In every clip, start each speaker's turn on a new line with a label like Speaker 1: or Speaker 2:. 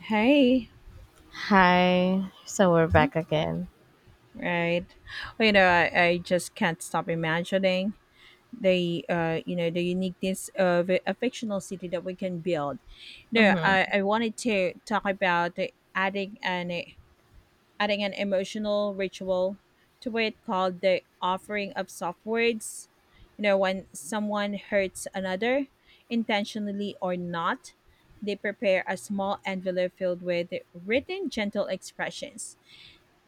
Speaker 1: Hey,
Speaker 2: Hi, so we're back again.
Speaker 1: right. Well, I just can't stop imagining the the uniqueness of a fictional city that we can build. No,
Speaker 2: hmm
Speaker 1: I wanted to talk about the adding an emotional ritual to it called the offering of soft words. You know, when someone hurts another, intentionally or not, they prepare a small envelope filled with written gentle expressions.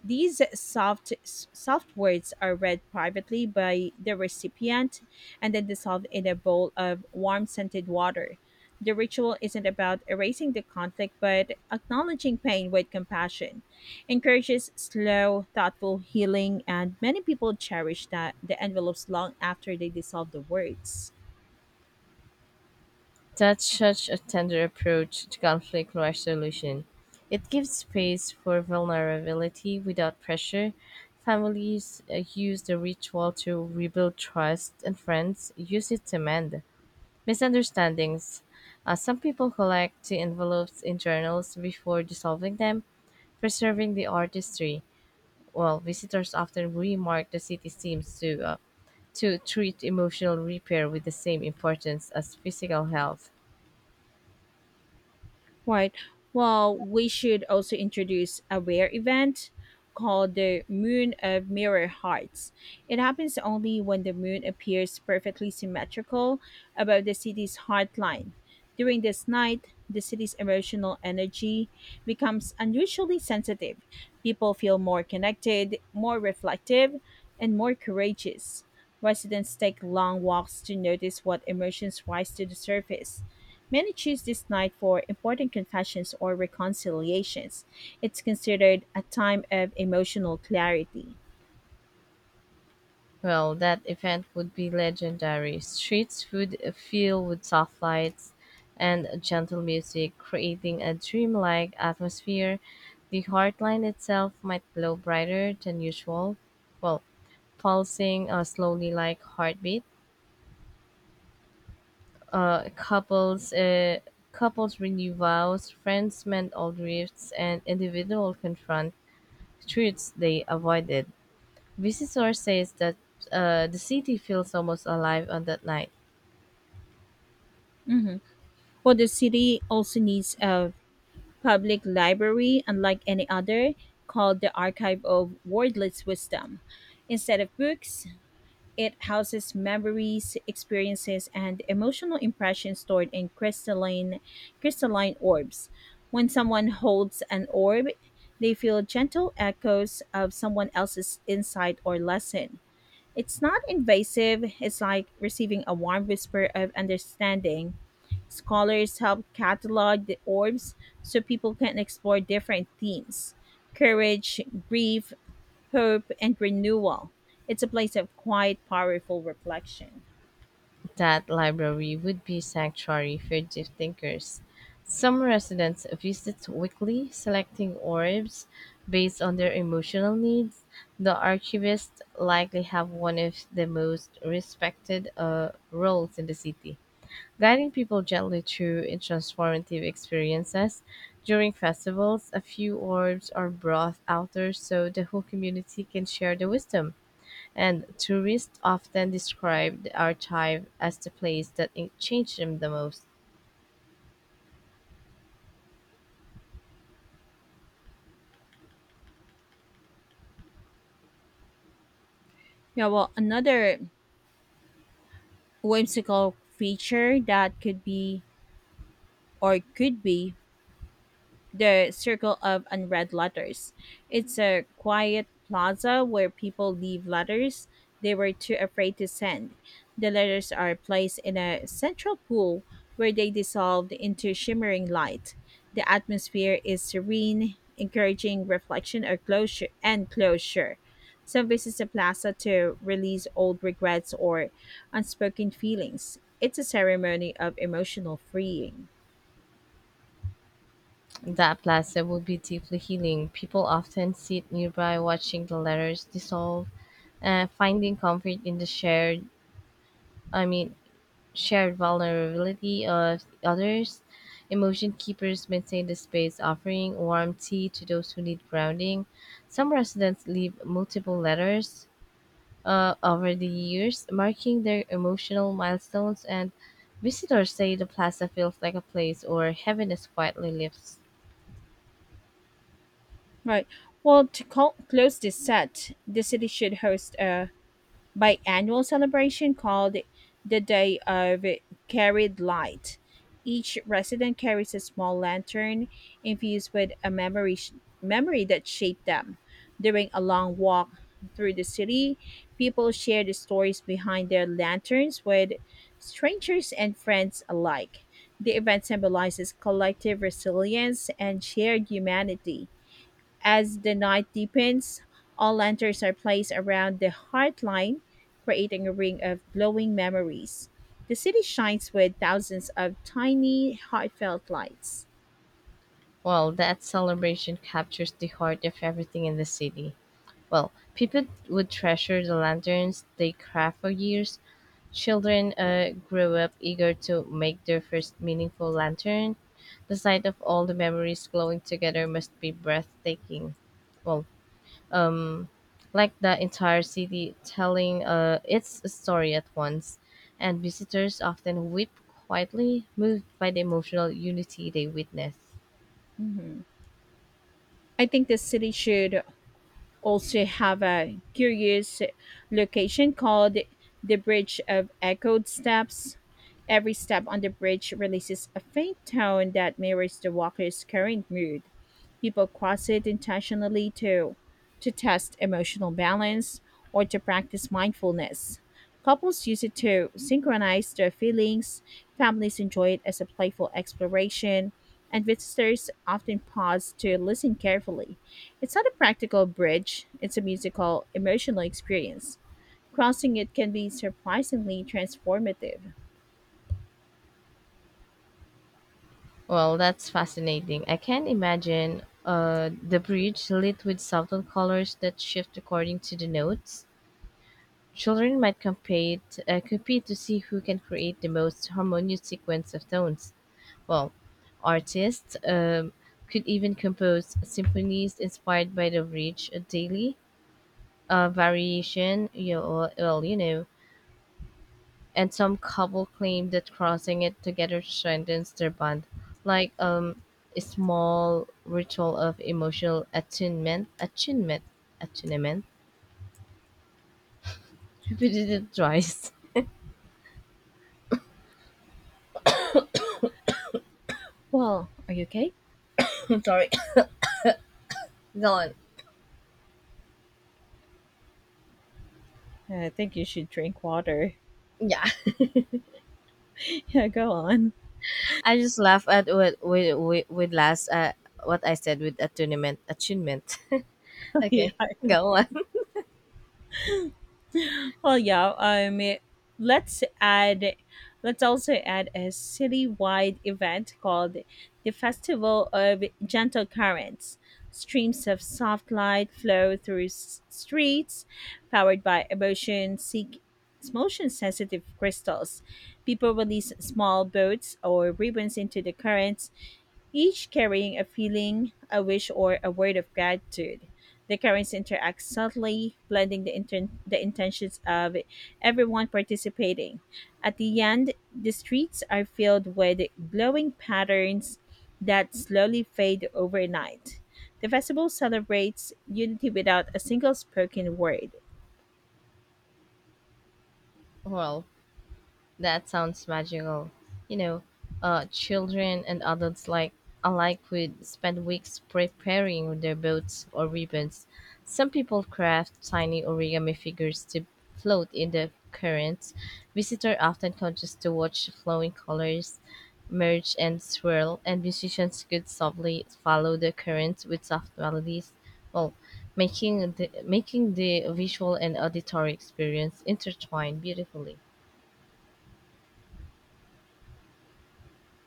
Speaker 1: These soft words are read privately by the recipient and then dissolved in a bowl of warm scented water. The ritual isn't about erasing the conflict but acknowledging pain with compassion. Encourages slow, thoughtful healing, and many people cherish that the envelopes long after they dissolve the words.
Speaker 2: That's such a tender approach to conflict resolution. It gives space for vulnerability without pressure. Families use the ritual to rebuild trust, and friends use it to mend misunderstandings. Some people collect the envelopes in journals before dissolving them, preserving the artistry. Well, visitors often remark the city seems to treat emotional repair with the same importance as physical health.
Speaker 1: Right. Well, we should also introduce a rare event called the Moon of Mirror Hearts. It happens only when the moon appears perfectly symmetrical above the city's heart line. During this night, the city's emotional energy becomes unusually sensitive. People feel more connected, more reflective, and more courageous. Residents take long walks to notice what emotions rise to the surface. Many choose this night for important confessions or reconciliations. It's considered a time of emotional clarity.
Speaker 2: Well, that event would be legendary. Streets would fill with soft lights and gentle music, creating a dreamlike atmosphere. The heartline itself might glow brighter than usual. Well, pulsing slowly like heartbeat uh, couples uh, couples renew vows, friends mend old rifts, and individuals confront truths they avoided. Visitor says that the city feels almost alive on that night.
Speaker 1: Well, the city also needs a public library, unlike any other, called the Archive of Wordless Wisdom. Instead of books, it houses memories, experiences, and emotional impressions stored in crystalline orbs. When someone holds an orb, they feel gentle echoes of someone else's insight or lesson. It's not invasive, it's like receiving a warm whisper of understanding. Scholars help catalog the orbs so people can explore different themes: courage, grief, hope, and renewal. It's a place of quiet, powerful reflection.
Speaker 2: That library would be sanctuary for deep thinkers. Some residents visit weekly, selecting orbs based on their emotional needs. The archivists likely have one of the most respected roles in the city, guiding people gently through in transformative experiences. During festivals, a few orbs are brought outdoors so the whole community can share the wisdom. And tourists often describe the archive as the place that it changed them the most.
Speaker 1: Yeah, well, another whimsical feature that could be or could be the Circle of Unread Letters. It's a quiet plaza where people leave letters they were too afraid to send. The letters are placed in a central pool where they dissolve into shimmering light. The atmosphere is serene, encouraging reflection or closure. Some visit the plaza to release old regrets or unspoken feelings. It's a ceremony of emotional freeing.
Speaker 2: That plaza would be deeply healing. People often sit nearby watching the letters dissolve, finding comfort in the I mean, shared vulnerability of others. Emotion keepers maintain the space, offering warm tea to those who need grounding. Some residents leave multiple letters over the years, marking their emotional milestones, and visitors say the plaza feels like a place where heaviness quietly lifts.
Speaker 1: Right. Well, to close this set, the city should host a biannual celebration called the Day of Carried Light. Each resident carries a small lantern infused with a memory that shaped them. During a long walk through the city, people share the stories behind their lanterns with strangers and friends alike. The event symbolizes collective resilience and shared humanity. As the night deepens, all lanterns are placed around the Heartline, creating a ring of glowing memories. The city shines with thousands of tiny, heartfelt lights.
Speaker 2: Well, that celebration captures the heart of everything in the city. Well, people would treasure the lanterns they craft for years. Children grew up eager to make their first meaningful lantern. The sight of all the memories glowing together must be breathtaking. Well, like the entire city telling its story at once, and visitors often weep quietly, moved by the emotional unity they witness.
Speaker 1: Mhm. I think the city should also have a curious location called the Bridge of Echoed Steps. Every step on the bridge releases a faint tone that mirrors the walker's current mood. People cross it intentionally to test emotional balance or to practice mindfulness. Couples use it to synchronize their feelings, families enjoy it as a playful exploration, and visitors often pause to listen carefully. It's not a practical bridge, it's a musical, emotional experience. Crossing it can be surprisingly transformative.
Speaker 2: Well, that's fascinating. I can imagine the bridge lit with subtle colors that shift according to the notes. Children might compete to see who can create the most harmonious sequence of tones. Well, artists could even compose symphonies inspired by the bridge, a daily variation. And some couple claim that crossing it together strengthens their bond, like a small ritual of emotional attunement. Attunement. Attunement. Repeated it twice.
Speaker 1: Well, are you okay?
Speaker 2: I'm sorry. Go on.
Speaker 1: I think you should drink water.
Speaker 2: Yeah.
Speaker 1: Yeah, go on.
Speaker 2: I just laugh at what with last what I said with attunement. Attunement.
Speaker 1: yeah.
Speaker 2: Okay, go on.
Speaker 1: Well, let's add. Let's also add a citywide event called the Festival of Gentle Currents. Streams of soft light flow through streets, powered by emotion seek motion sensitive crystals. People release small boats or ribbons into the currents, each carrying a feeling, a wish, or a word of gratitude. The currents interact subtly, blending the intentions of everyone participating. At the end, the streets are filled with glowing patterns that slowly fade overnight. The festival celebrates unity without a single spoken word.
Speaker 2: Well, that sounds magical. You know, children and adults alike would spend weeks preparing their boats or ribbons. Some people craft tiny origami figures to float in the current. Visitors often come just to watch flowing colors merge and swirl, and musicians could softly follow the current with soft melodies. Well, making the visual and auditory experience intertwine beautifully.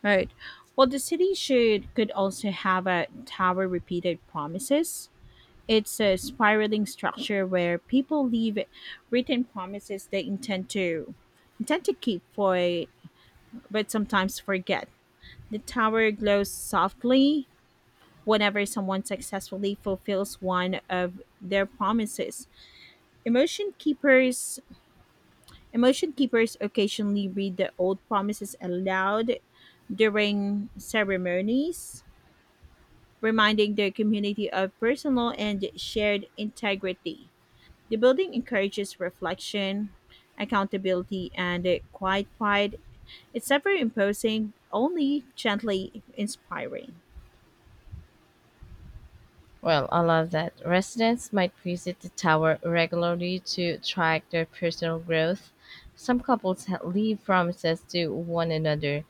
Speaker 1: Right. Well, the city should could also have a tower repeated promises. It's a spiraling structure where people leave written promises they intend to keep for but sometimes forget. The tower glows softly whenever someone successfully fulfills one of their promises. Emotion keepers emotion keepers occasionally read the old promises aloud during ceremonies, reminding their community of personal and shared integrity. The building encourages reflection, accountability, and a quiet pride. It's never imposing, only gently inspiring.
Speaker 2: Well, allow that residents might visit the tower regularly to track their personal growth. Some couples leave promises to one another,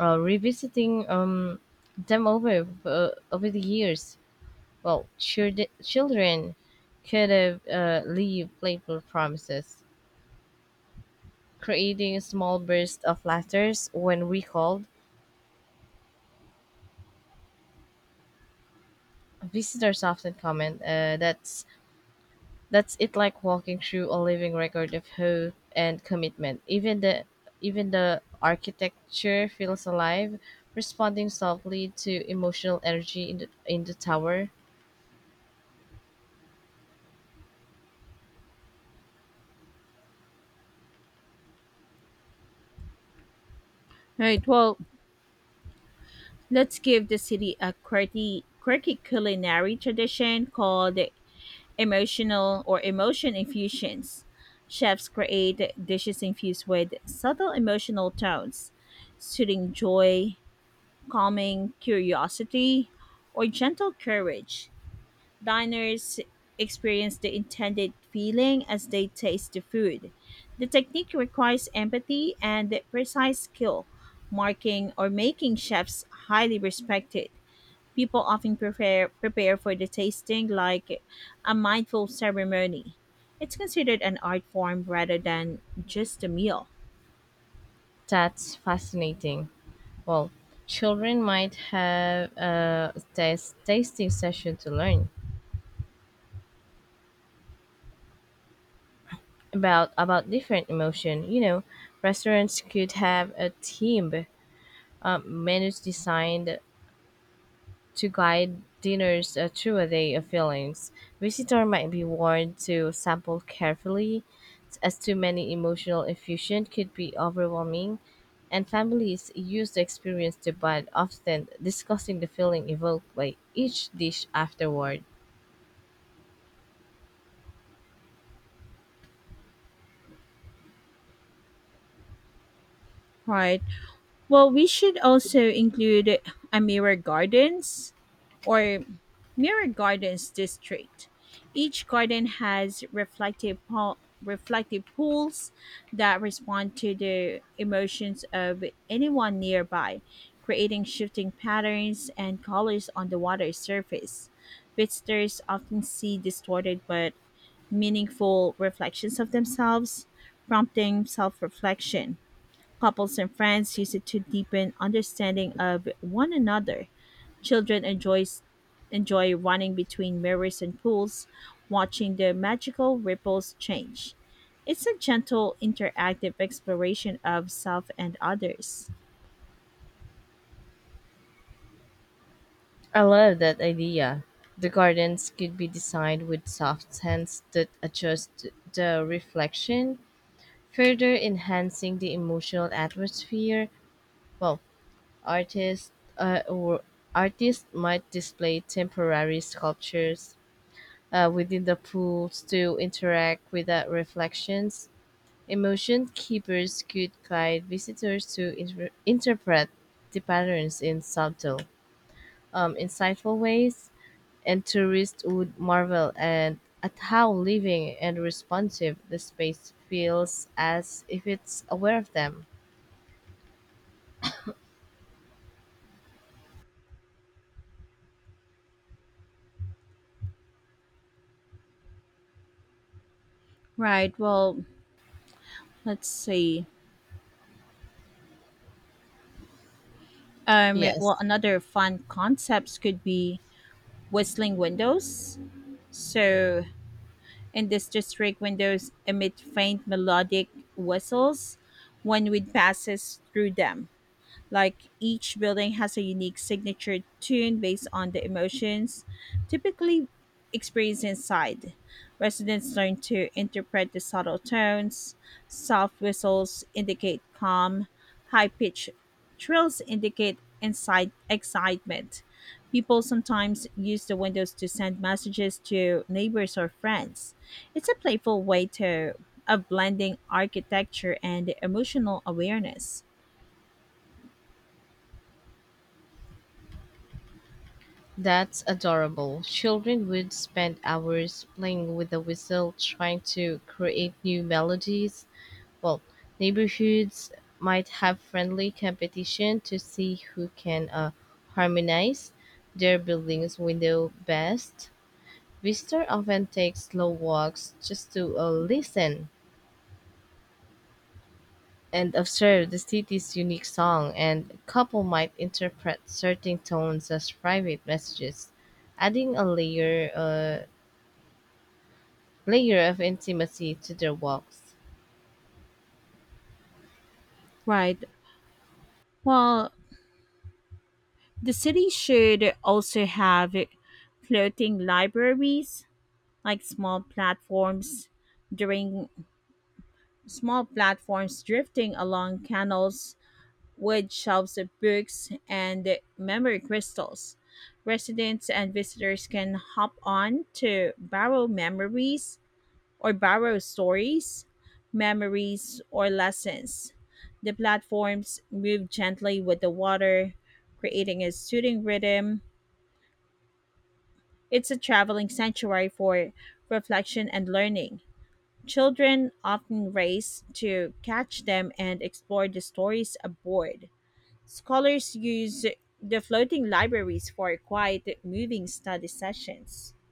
Speaker 2: revisiting them over the years. Well, children could have leave playful promises, creating a small burst of laughter when recalled. Visitors often comment that that's it like walking through a living record of hope and commitment. Even the architecture feels alive, responding softly to emotional energy in the tower.
Speaker 1: All right, well, let's give the city a quirky culinary tradition called emotion infusions. Chefs create dishes infused with subtle emotional tones: soothing joy, calming curiosity, or gentle courage. Diners experience the intended feeling as they taste the food. The technique requires empathy and precise skill, marking or making chefs highly respected. People often prepare for the tasting like a mindful ceremony. It's considered an art form rather than just a meal.
Speaker 2: That's fascinating. Well, children might have a tasting session to learn about different emotion. You know, restaurants could have a team menus designed to guide diners through a day of feelings. Visitor might be warned to sample carefully, as too many emotional effusion could be overwhelming, and families use the experience to bond, often discussing the feeling evoked by each dish afterward.
Speaker 1: Right. Well, we should also include a mirror gardens or mirror gardens district. Each garden has reflective pools that respond to the emotions of anyone nearby, creating shifting patterns and colors on the water's surface. Visitors often see distorted but meaningful reflections of themselves, prompting self-reflection. Couples and friends use it to deepen understanding of one another. Children enjoy running between mirrors and pools, watching the magical ripples change. It's a gentle, interactive exploration of self and others.
Speaker 2: I love that idea. The gardens could be designed with soft scents that adjust the reflection, further enhancing the emotional atmosphere. Well, Artists uh, or artists might display temporary sculptures within the pools to interact with the reflections. Emotion keepers could guide visitors to interpret the patterns in subtle, insightful ways, and tourists would marvel and at how living and responsive the space feels as if it's aware of them.
Speaker 1: Right. Well, let's see.
Speaker 2: Yes.
Speaker 1: Well, another fun concepts could be whistling windows. So in this district, windows emit faint melodic whistles when wind passes through them. Like each building has a unique signature tune based on the emotions typically experienced inside. Residents learn to interpret the subtle tones. Soft whistles indicate calm, high pitched trills indicate inside excitement. People sometimes use the windows to send messages to neighbors or friends. It's a playful way to of blending architecture and emotional awareness.
Speaker 2: That's adorable. Children would spend hours playing with the whistle trying to create new melodies. Well, neighborhoods might have friendly competition to see who can harmonize their building's window best. Visitors often take slow walks just to listen and observe the city's unique song, and couple might interpret certain tones as private messages adding a layer of intimacy to their walks.
Speaker 1: Right. Well, the city should also have floating libraries, like during small platforms drifting along canals, wood shelves of books, and memory crystals. Residents and visitors can hop on to borrow stories, memories, or lessons. The platforms move gently with the water, creating a soothing rhythm. It's a traveling sanctuary for reflection and learning. Children often race to catch them and explore the stories aboard. Scholars use the floating libraries for quiet, moving study sessions.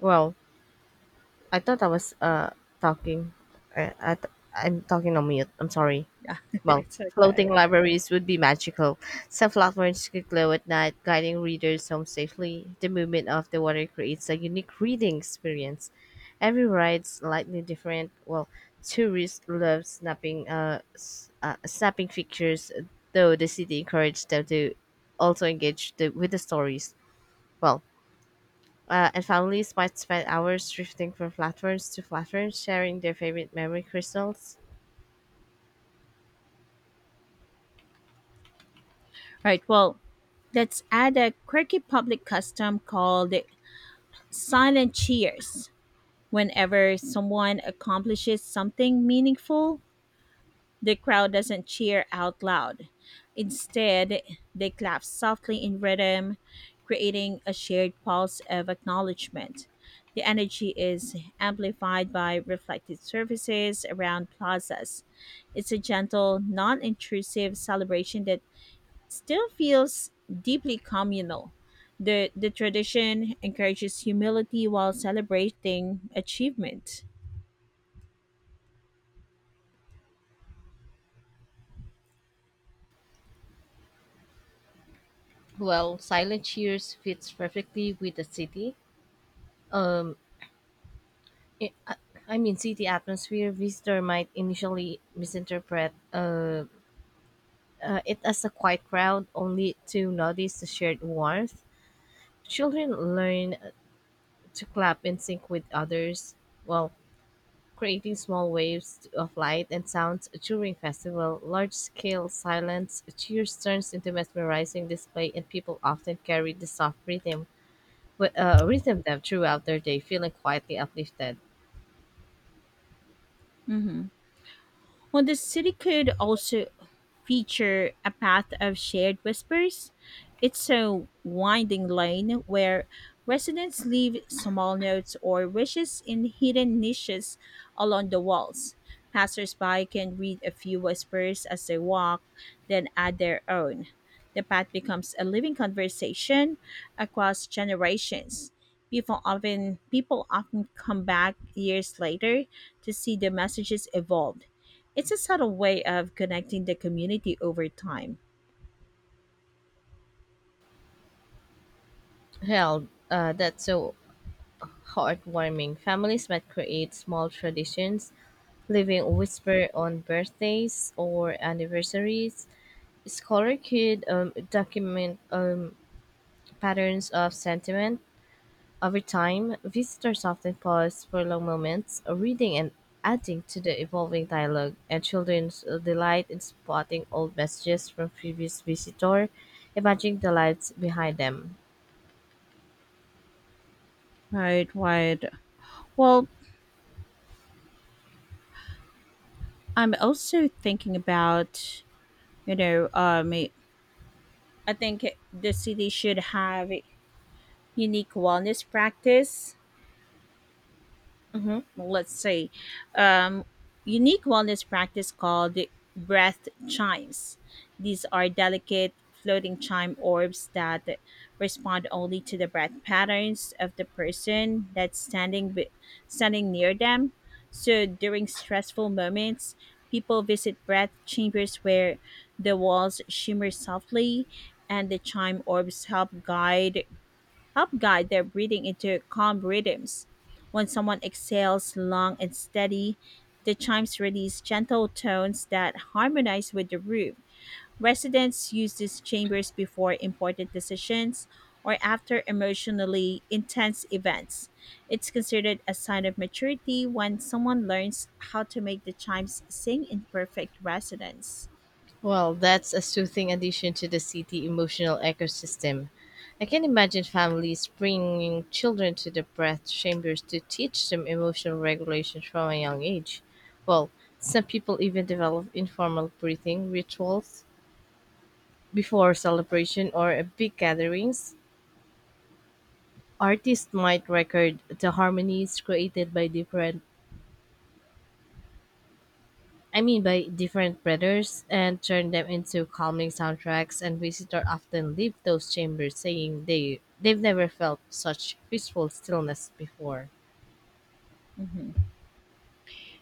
Speaker 2: Well, I thought I was talking. I'm talking on mute. I'm sorry.
Speaker 1: Yeah,
Speaker 2: Well,
Speaker 1: it's
Speaker 2: floating
Speaker 1: okay.
Speaker 2: libraries would be magical. Some platforms could glow at night, guiding readers home safely. The movement of the water creates a unique reading experience. Every ride's slightly different. Well, tourists love snapping pictures, though the city encouraged them to also engage with the stories. Well, and families might spend hours drifting from platforms to platforms, sharing their favorite memory crystals.
Speaker 1: Right, well, let's add a quirky public custom called silent cheers. Whenever someone accomplishes something meaningful, the crowd doesn't cheer out loud. Instead, they clap softly in rhythm, creating a shared pulse of acknowledgement. The energy is amplified by reflected surfaces around plazas. It's a gentle, non intrusive celebration that still feels deeply communal. The tradition encourages humility while celebrating achievement.
Speaker 2: Well, Silent Cheers fits perfectly with the city. Um, i I City atmosphere. Visitor might initially misinterpret it as a quiet crowd, only to notice the shared warmth. Children learn to clap in sync with others. Well, creating small waves of light and sounds during festival. Large-scale silence cheers turns into mesmerizing display, and people often carry the soft rhythm, rhythm them throughout their day, feeling quietly uplifted.
Speaker 1: Mhm. Well, the city could also feature a path of shared whispers. It's a winding lane where residents leave small notes or wishes in hidden niches along the walls. Passersby can read a few whispers as they walk, then add their own. The path becomes a living conversation across generations. People often come back years later to see the messages evolve. It's a subtle way of connecting the community over time.
Speaker 2: That's so heartwarming. Families might create small traditions leaving a whisper on birthdays or anniversaries. Scholar could document patterns of sentiment over time. Visitors often pause for long moments, reading and adding to the evolving dialogue, and children delight in spotting old messages from previous visitor, imagining the lives behind them.
Speaker 1: Right, right. Well, I'm also thinking about, you know, I think the city should have unique wellness practice
Speaker 2: hmm
Speaker 1: let's say, um, unique wellness practice called breath chimes. These are delicate floating chime orbs that respond only to the breath patterns of the person standing near them. So during stressful moments, people visit breath chambers where the walls shimmer softly and the chime orbs help guide their breathing into calm rhythms. When someone exhales long and steady, the chimes release gentle tones that harmonize with the room. Residents use these chambers before important decisions or after emotionally intense events. It's considered a sign of maturity when someone learns how to make the chimes sing in perfect resonance.
Speaker 2: Well, that's a soothing addition to the city emotional ecosystem. I can imagine families bringing children to the breath chambers to teach them emotional regulation from a young age. Well, some people even develop informal breathing rituals before celebration or a big gatherings. Artists might record the harmonies created by different I mean by different breathers and turn them into calming soundtracks, and visitors often leave those chambers saying they've never felt such peaceful stillness before.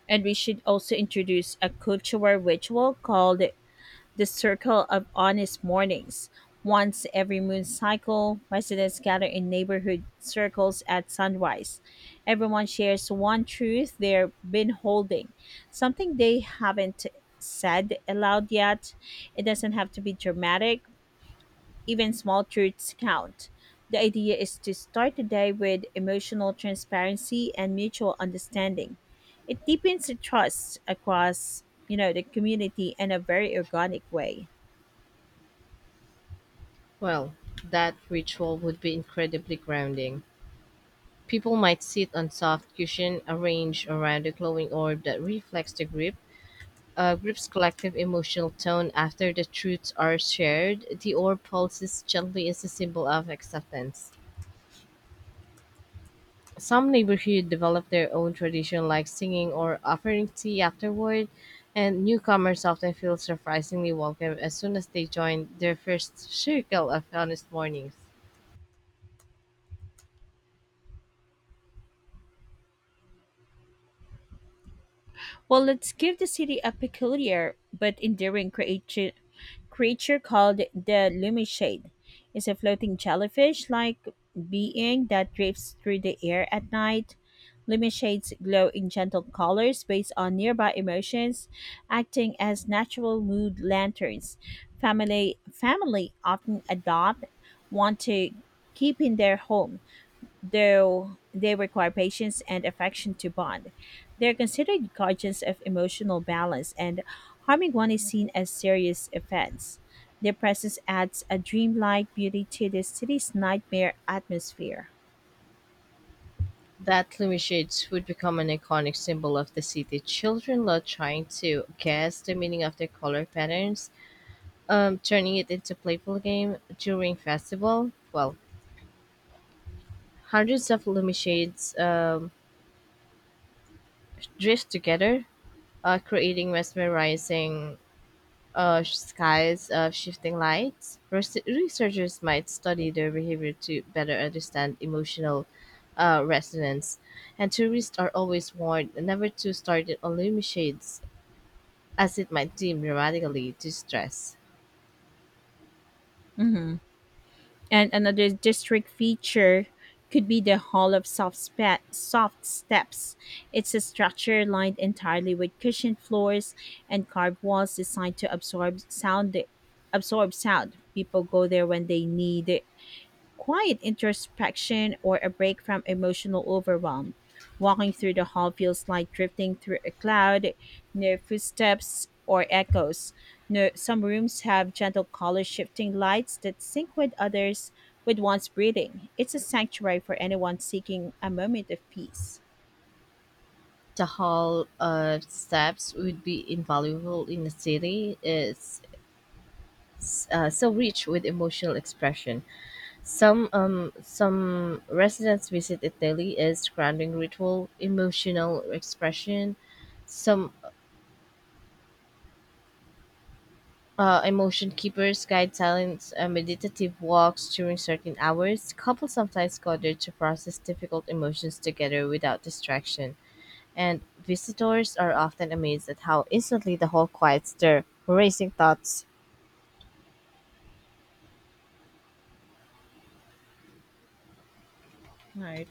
Speaker 1: And we should also introduce a cultural ritual called the Circle of Honest Mornings. Once every moon cycle, residents gather in neighborhood circles at sunrise. Everyone shares one truth they've been holding, something they haven't said aloud yet. It doesn't have to be dramatic, even small truths count. The idea is to start the day with emotional transparency and mutual understanding. It deepens the trust across, you know, the community in a very organic way.
Speaker 2: Well, that ritual would be incredibly grounding. People might sit on soft cushion arranged around a glowing orb that reflects the grip, a group's collective emotional tone. After the truths are shared, the orb pulses gently as a symbol of acceptance. Some neighborhoods develop their own tradition like singing or offering tea afterward, and newcomers often feel surprisingly welcome as soon as they join their first circle of honest mornings.
Speaker 1: Well, let's give the city a peculiar but endearing creature called the Lumishade. It's a floating jellyfish like being that drifts through the air at night. Lumishades glow in gentle colors based on nearby emotions, acting as natural mood lanterns. Family, family often adopt, want to keep in their home though they require patience and affection to bond. They're considered guardians of emotional balance, and harming one is seen as serious offense. Their presence adds a dreamlike beauty to the city's nightmare atmosphere.
Speaker 2: That gloomy shades would become an iconic symbol of the city. Children love trying to guess the meaning of their color patterns, turning it into playful game during festival. Well, hundreds of lumishades drift together, creating mesmerizing skies of shifting lights. Researchers might study their behavior to better understand emotional resonance, and tourists are always warned never to start on lumishades as it might seem dramatically distress.
Speaker 1: Mhm. And another district feature could be the Hall of soft Steps. It's a structure lined entirely with cushioned floors and carved walls designed to Absorb sound. People go there when they need quiet introspection or a break from emotional overwhelm. Walking through the hall feels like drifting through a cloud, no footsteps or echoes. No, some rooms have gentle color shifting lights that sync with one's breathing. It's a sanctuary for anyone seeking a moment of peace.
Speaker 2: The hall whole steps would be invaluable in a city is so rich with emotional expression. Some residents visit it daily as grounding ritual, emotional expression. Some emotion keepers guide silent meditative walks during certain hours. Couples sometimes go there to process difficult emotions together without distraction, and visitors are often amazed at how instantly the hall quiets their racing thoughts.
Speaker 1: All right.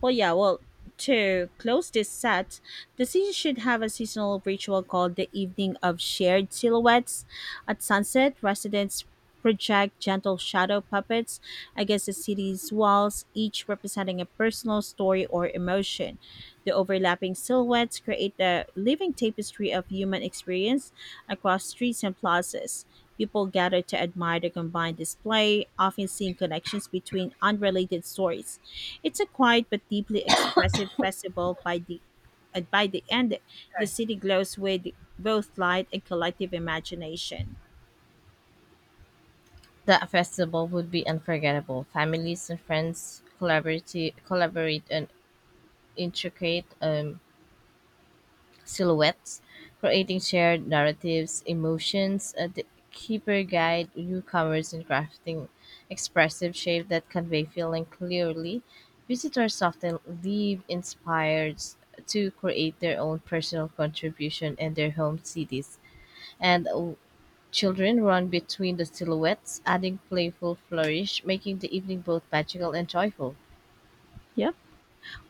Speaker 1: Well, to close this set, the city should have a seasonal ritual called the Evening of Shared Silhouettes. At sunset, residents project gentle shadow puppets against the city's walls, each representing a personal story or emotion. The overlapping silhouettes create a living tapestry of human experience across streets and plazas. People gathered to admire the combined display, often seeing connections between unrelated stories. It's a quiet but deeply expressive festival. By the end, the
Speaker 2: Sorry.
Speaker 1: city glows with both light and collective imagination.
Speaker 2: The festival would be unforgettable. Families and friends collaborate and intricate silhouettes, creating shared narratives, emotions. A keeper guide newcomers in crafting expressive shape that convey feeling clearly. Visitors often leave inspired to create their own personal contribution in their home cities. And children run between the silhouettes, adding playful flourish, making the evening both magical and joyful.
Speaker 1: Yep.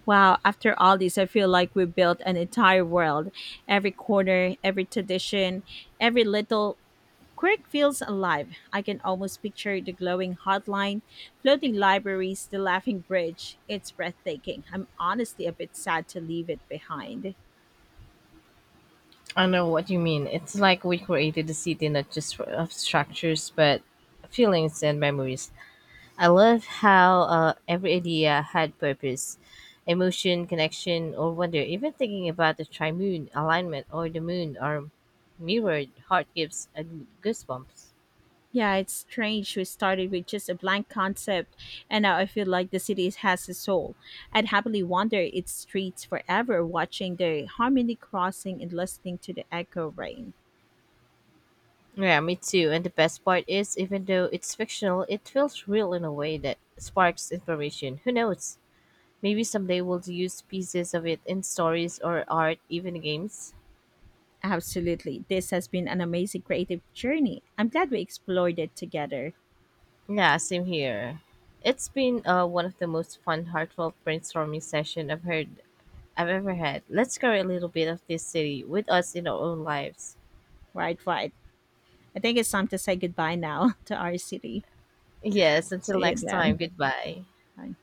Speaker 1: Wow, after all this, I feel like we built an entire world. Every corner, every tradition, every little Quirk feels alive. I can almost picture the glowing hotline, floating libraries, the laughing bridge. It's breathtaking. I'm honestly a bit sad to leave it behind.
Speaker 2: I know what you mean. It's like we created a city not just of structures, but feelings and memories. I love how every idea had purpose, emotion, connection, or wonder. Even thinking about the triune alignment or the moon or mirrored heart gives a goosebumps.
Speaker 1: Yeah, it's strange we started with just a blank concept and now I feel like the city has a soul. I'd happily wander its streets forever watching the harmony crossing and listening to the echo rain.
Speaker 2: Yeah, me too. And the best part is, even though it's fictional, it feels real in a way that sparks inspiration. Who knows? Maybe someday we'll use pieces of it in stories or art, even games.
Speaker 1: Absolutely. This has been an amazing creative journey. I'm glad we explored it together.
Speaker 2: Yeah, same here. It's been one of the most fun, heartfelt brainstorming session I've ever had. Let's carry a little bit of this city with us in our own lives.
Speaker 1: Right, right. I think it's time to say goodbye now to our city.
Speaker 2: Yes, until
Speaker 1: See you
Speaker 2: next time,
Speaker 1: then.
Speaker 2: goodbye.
Speaker 1: Bye.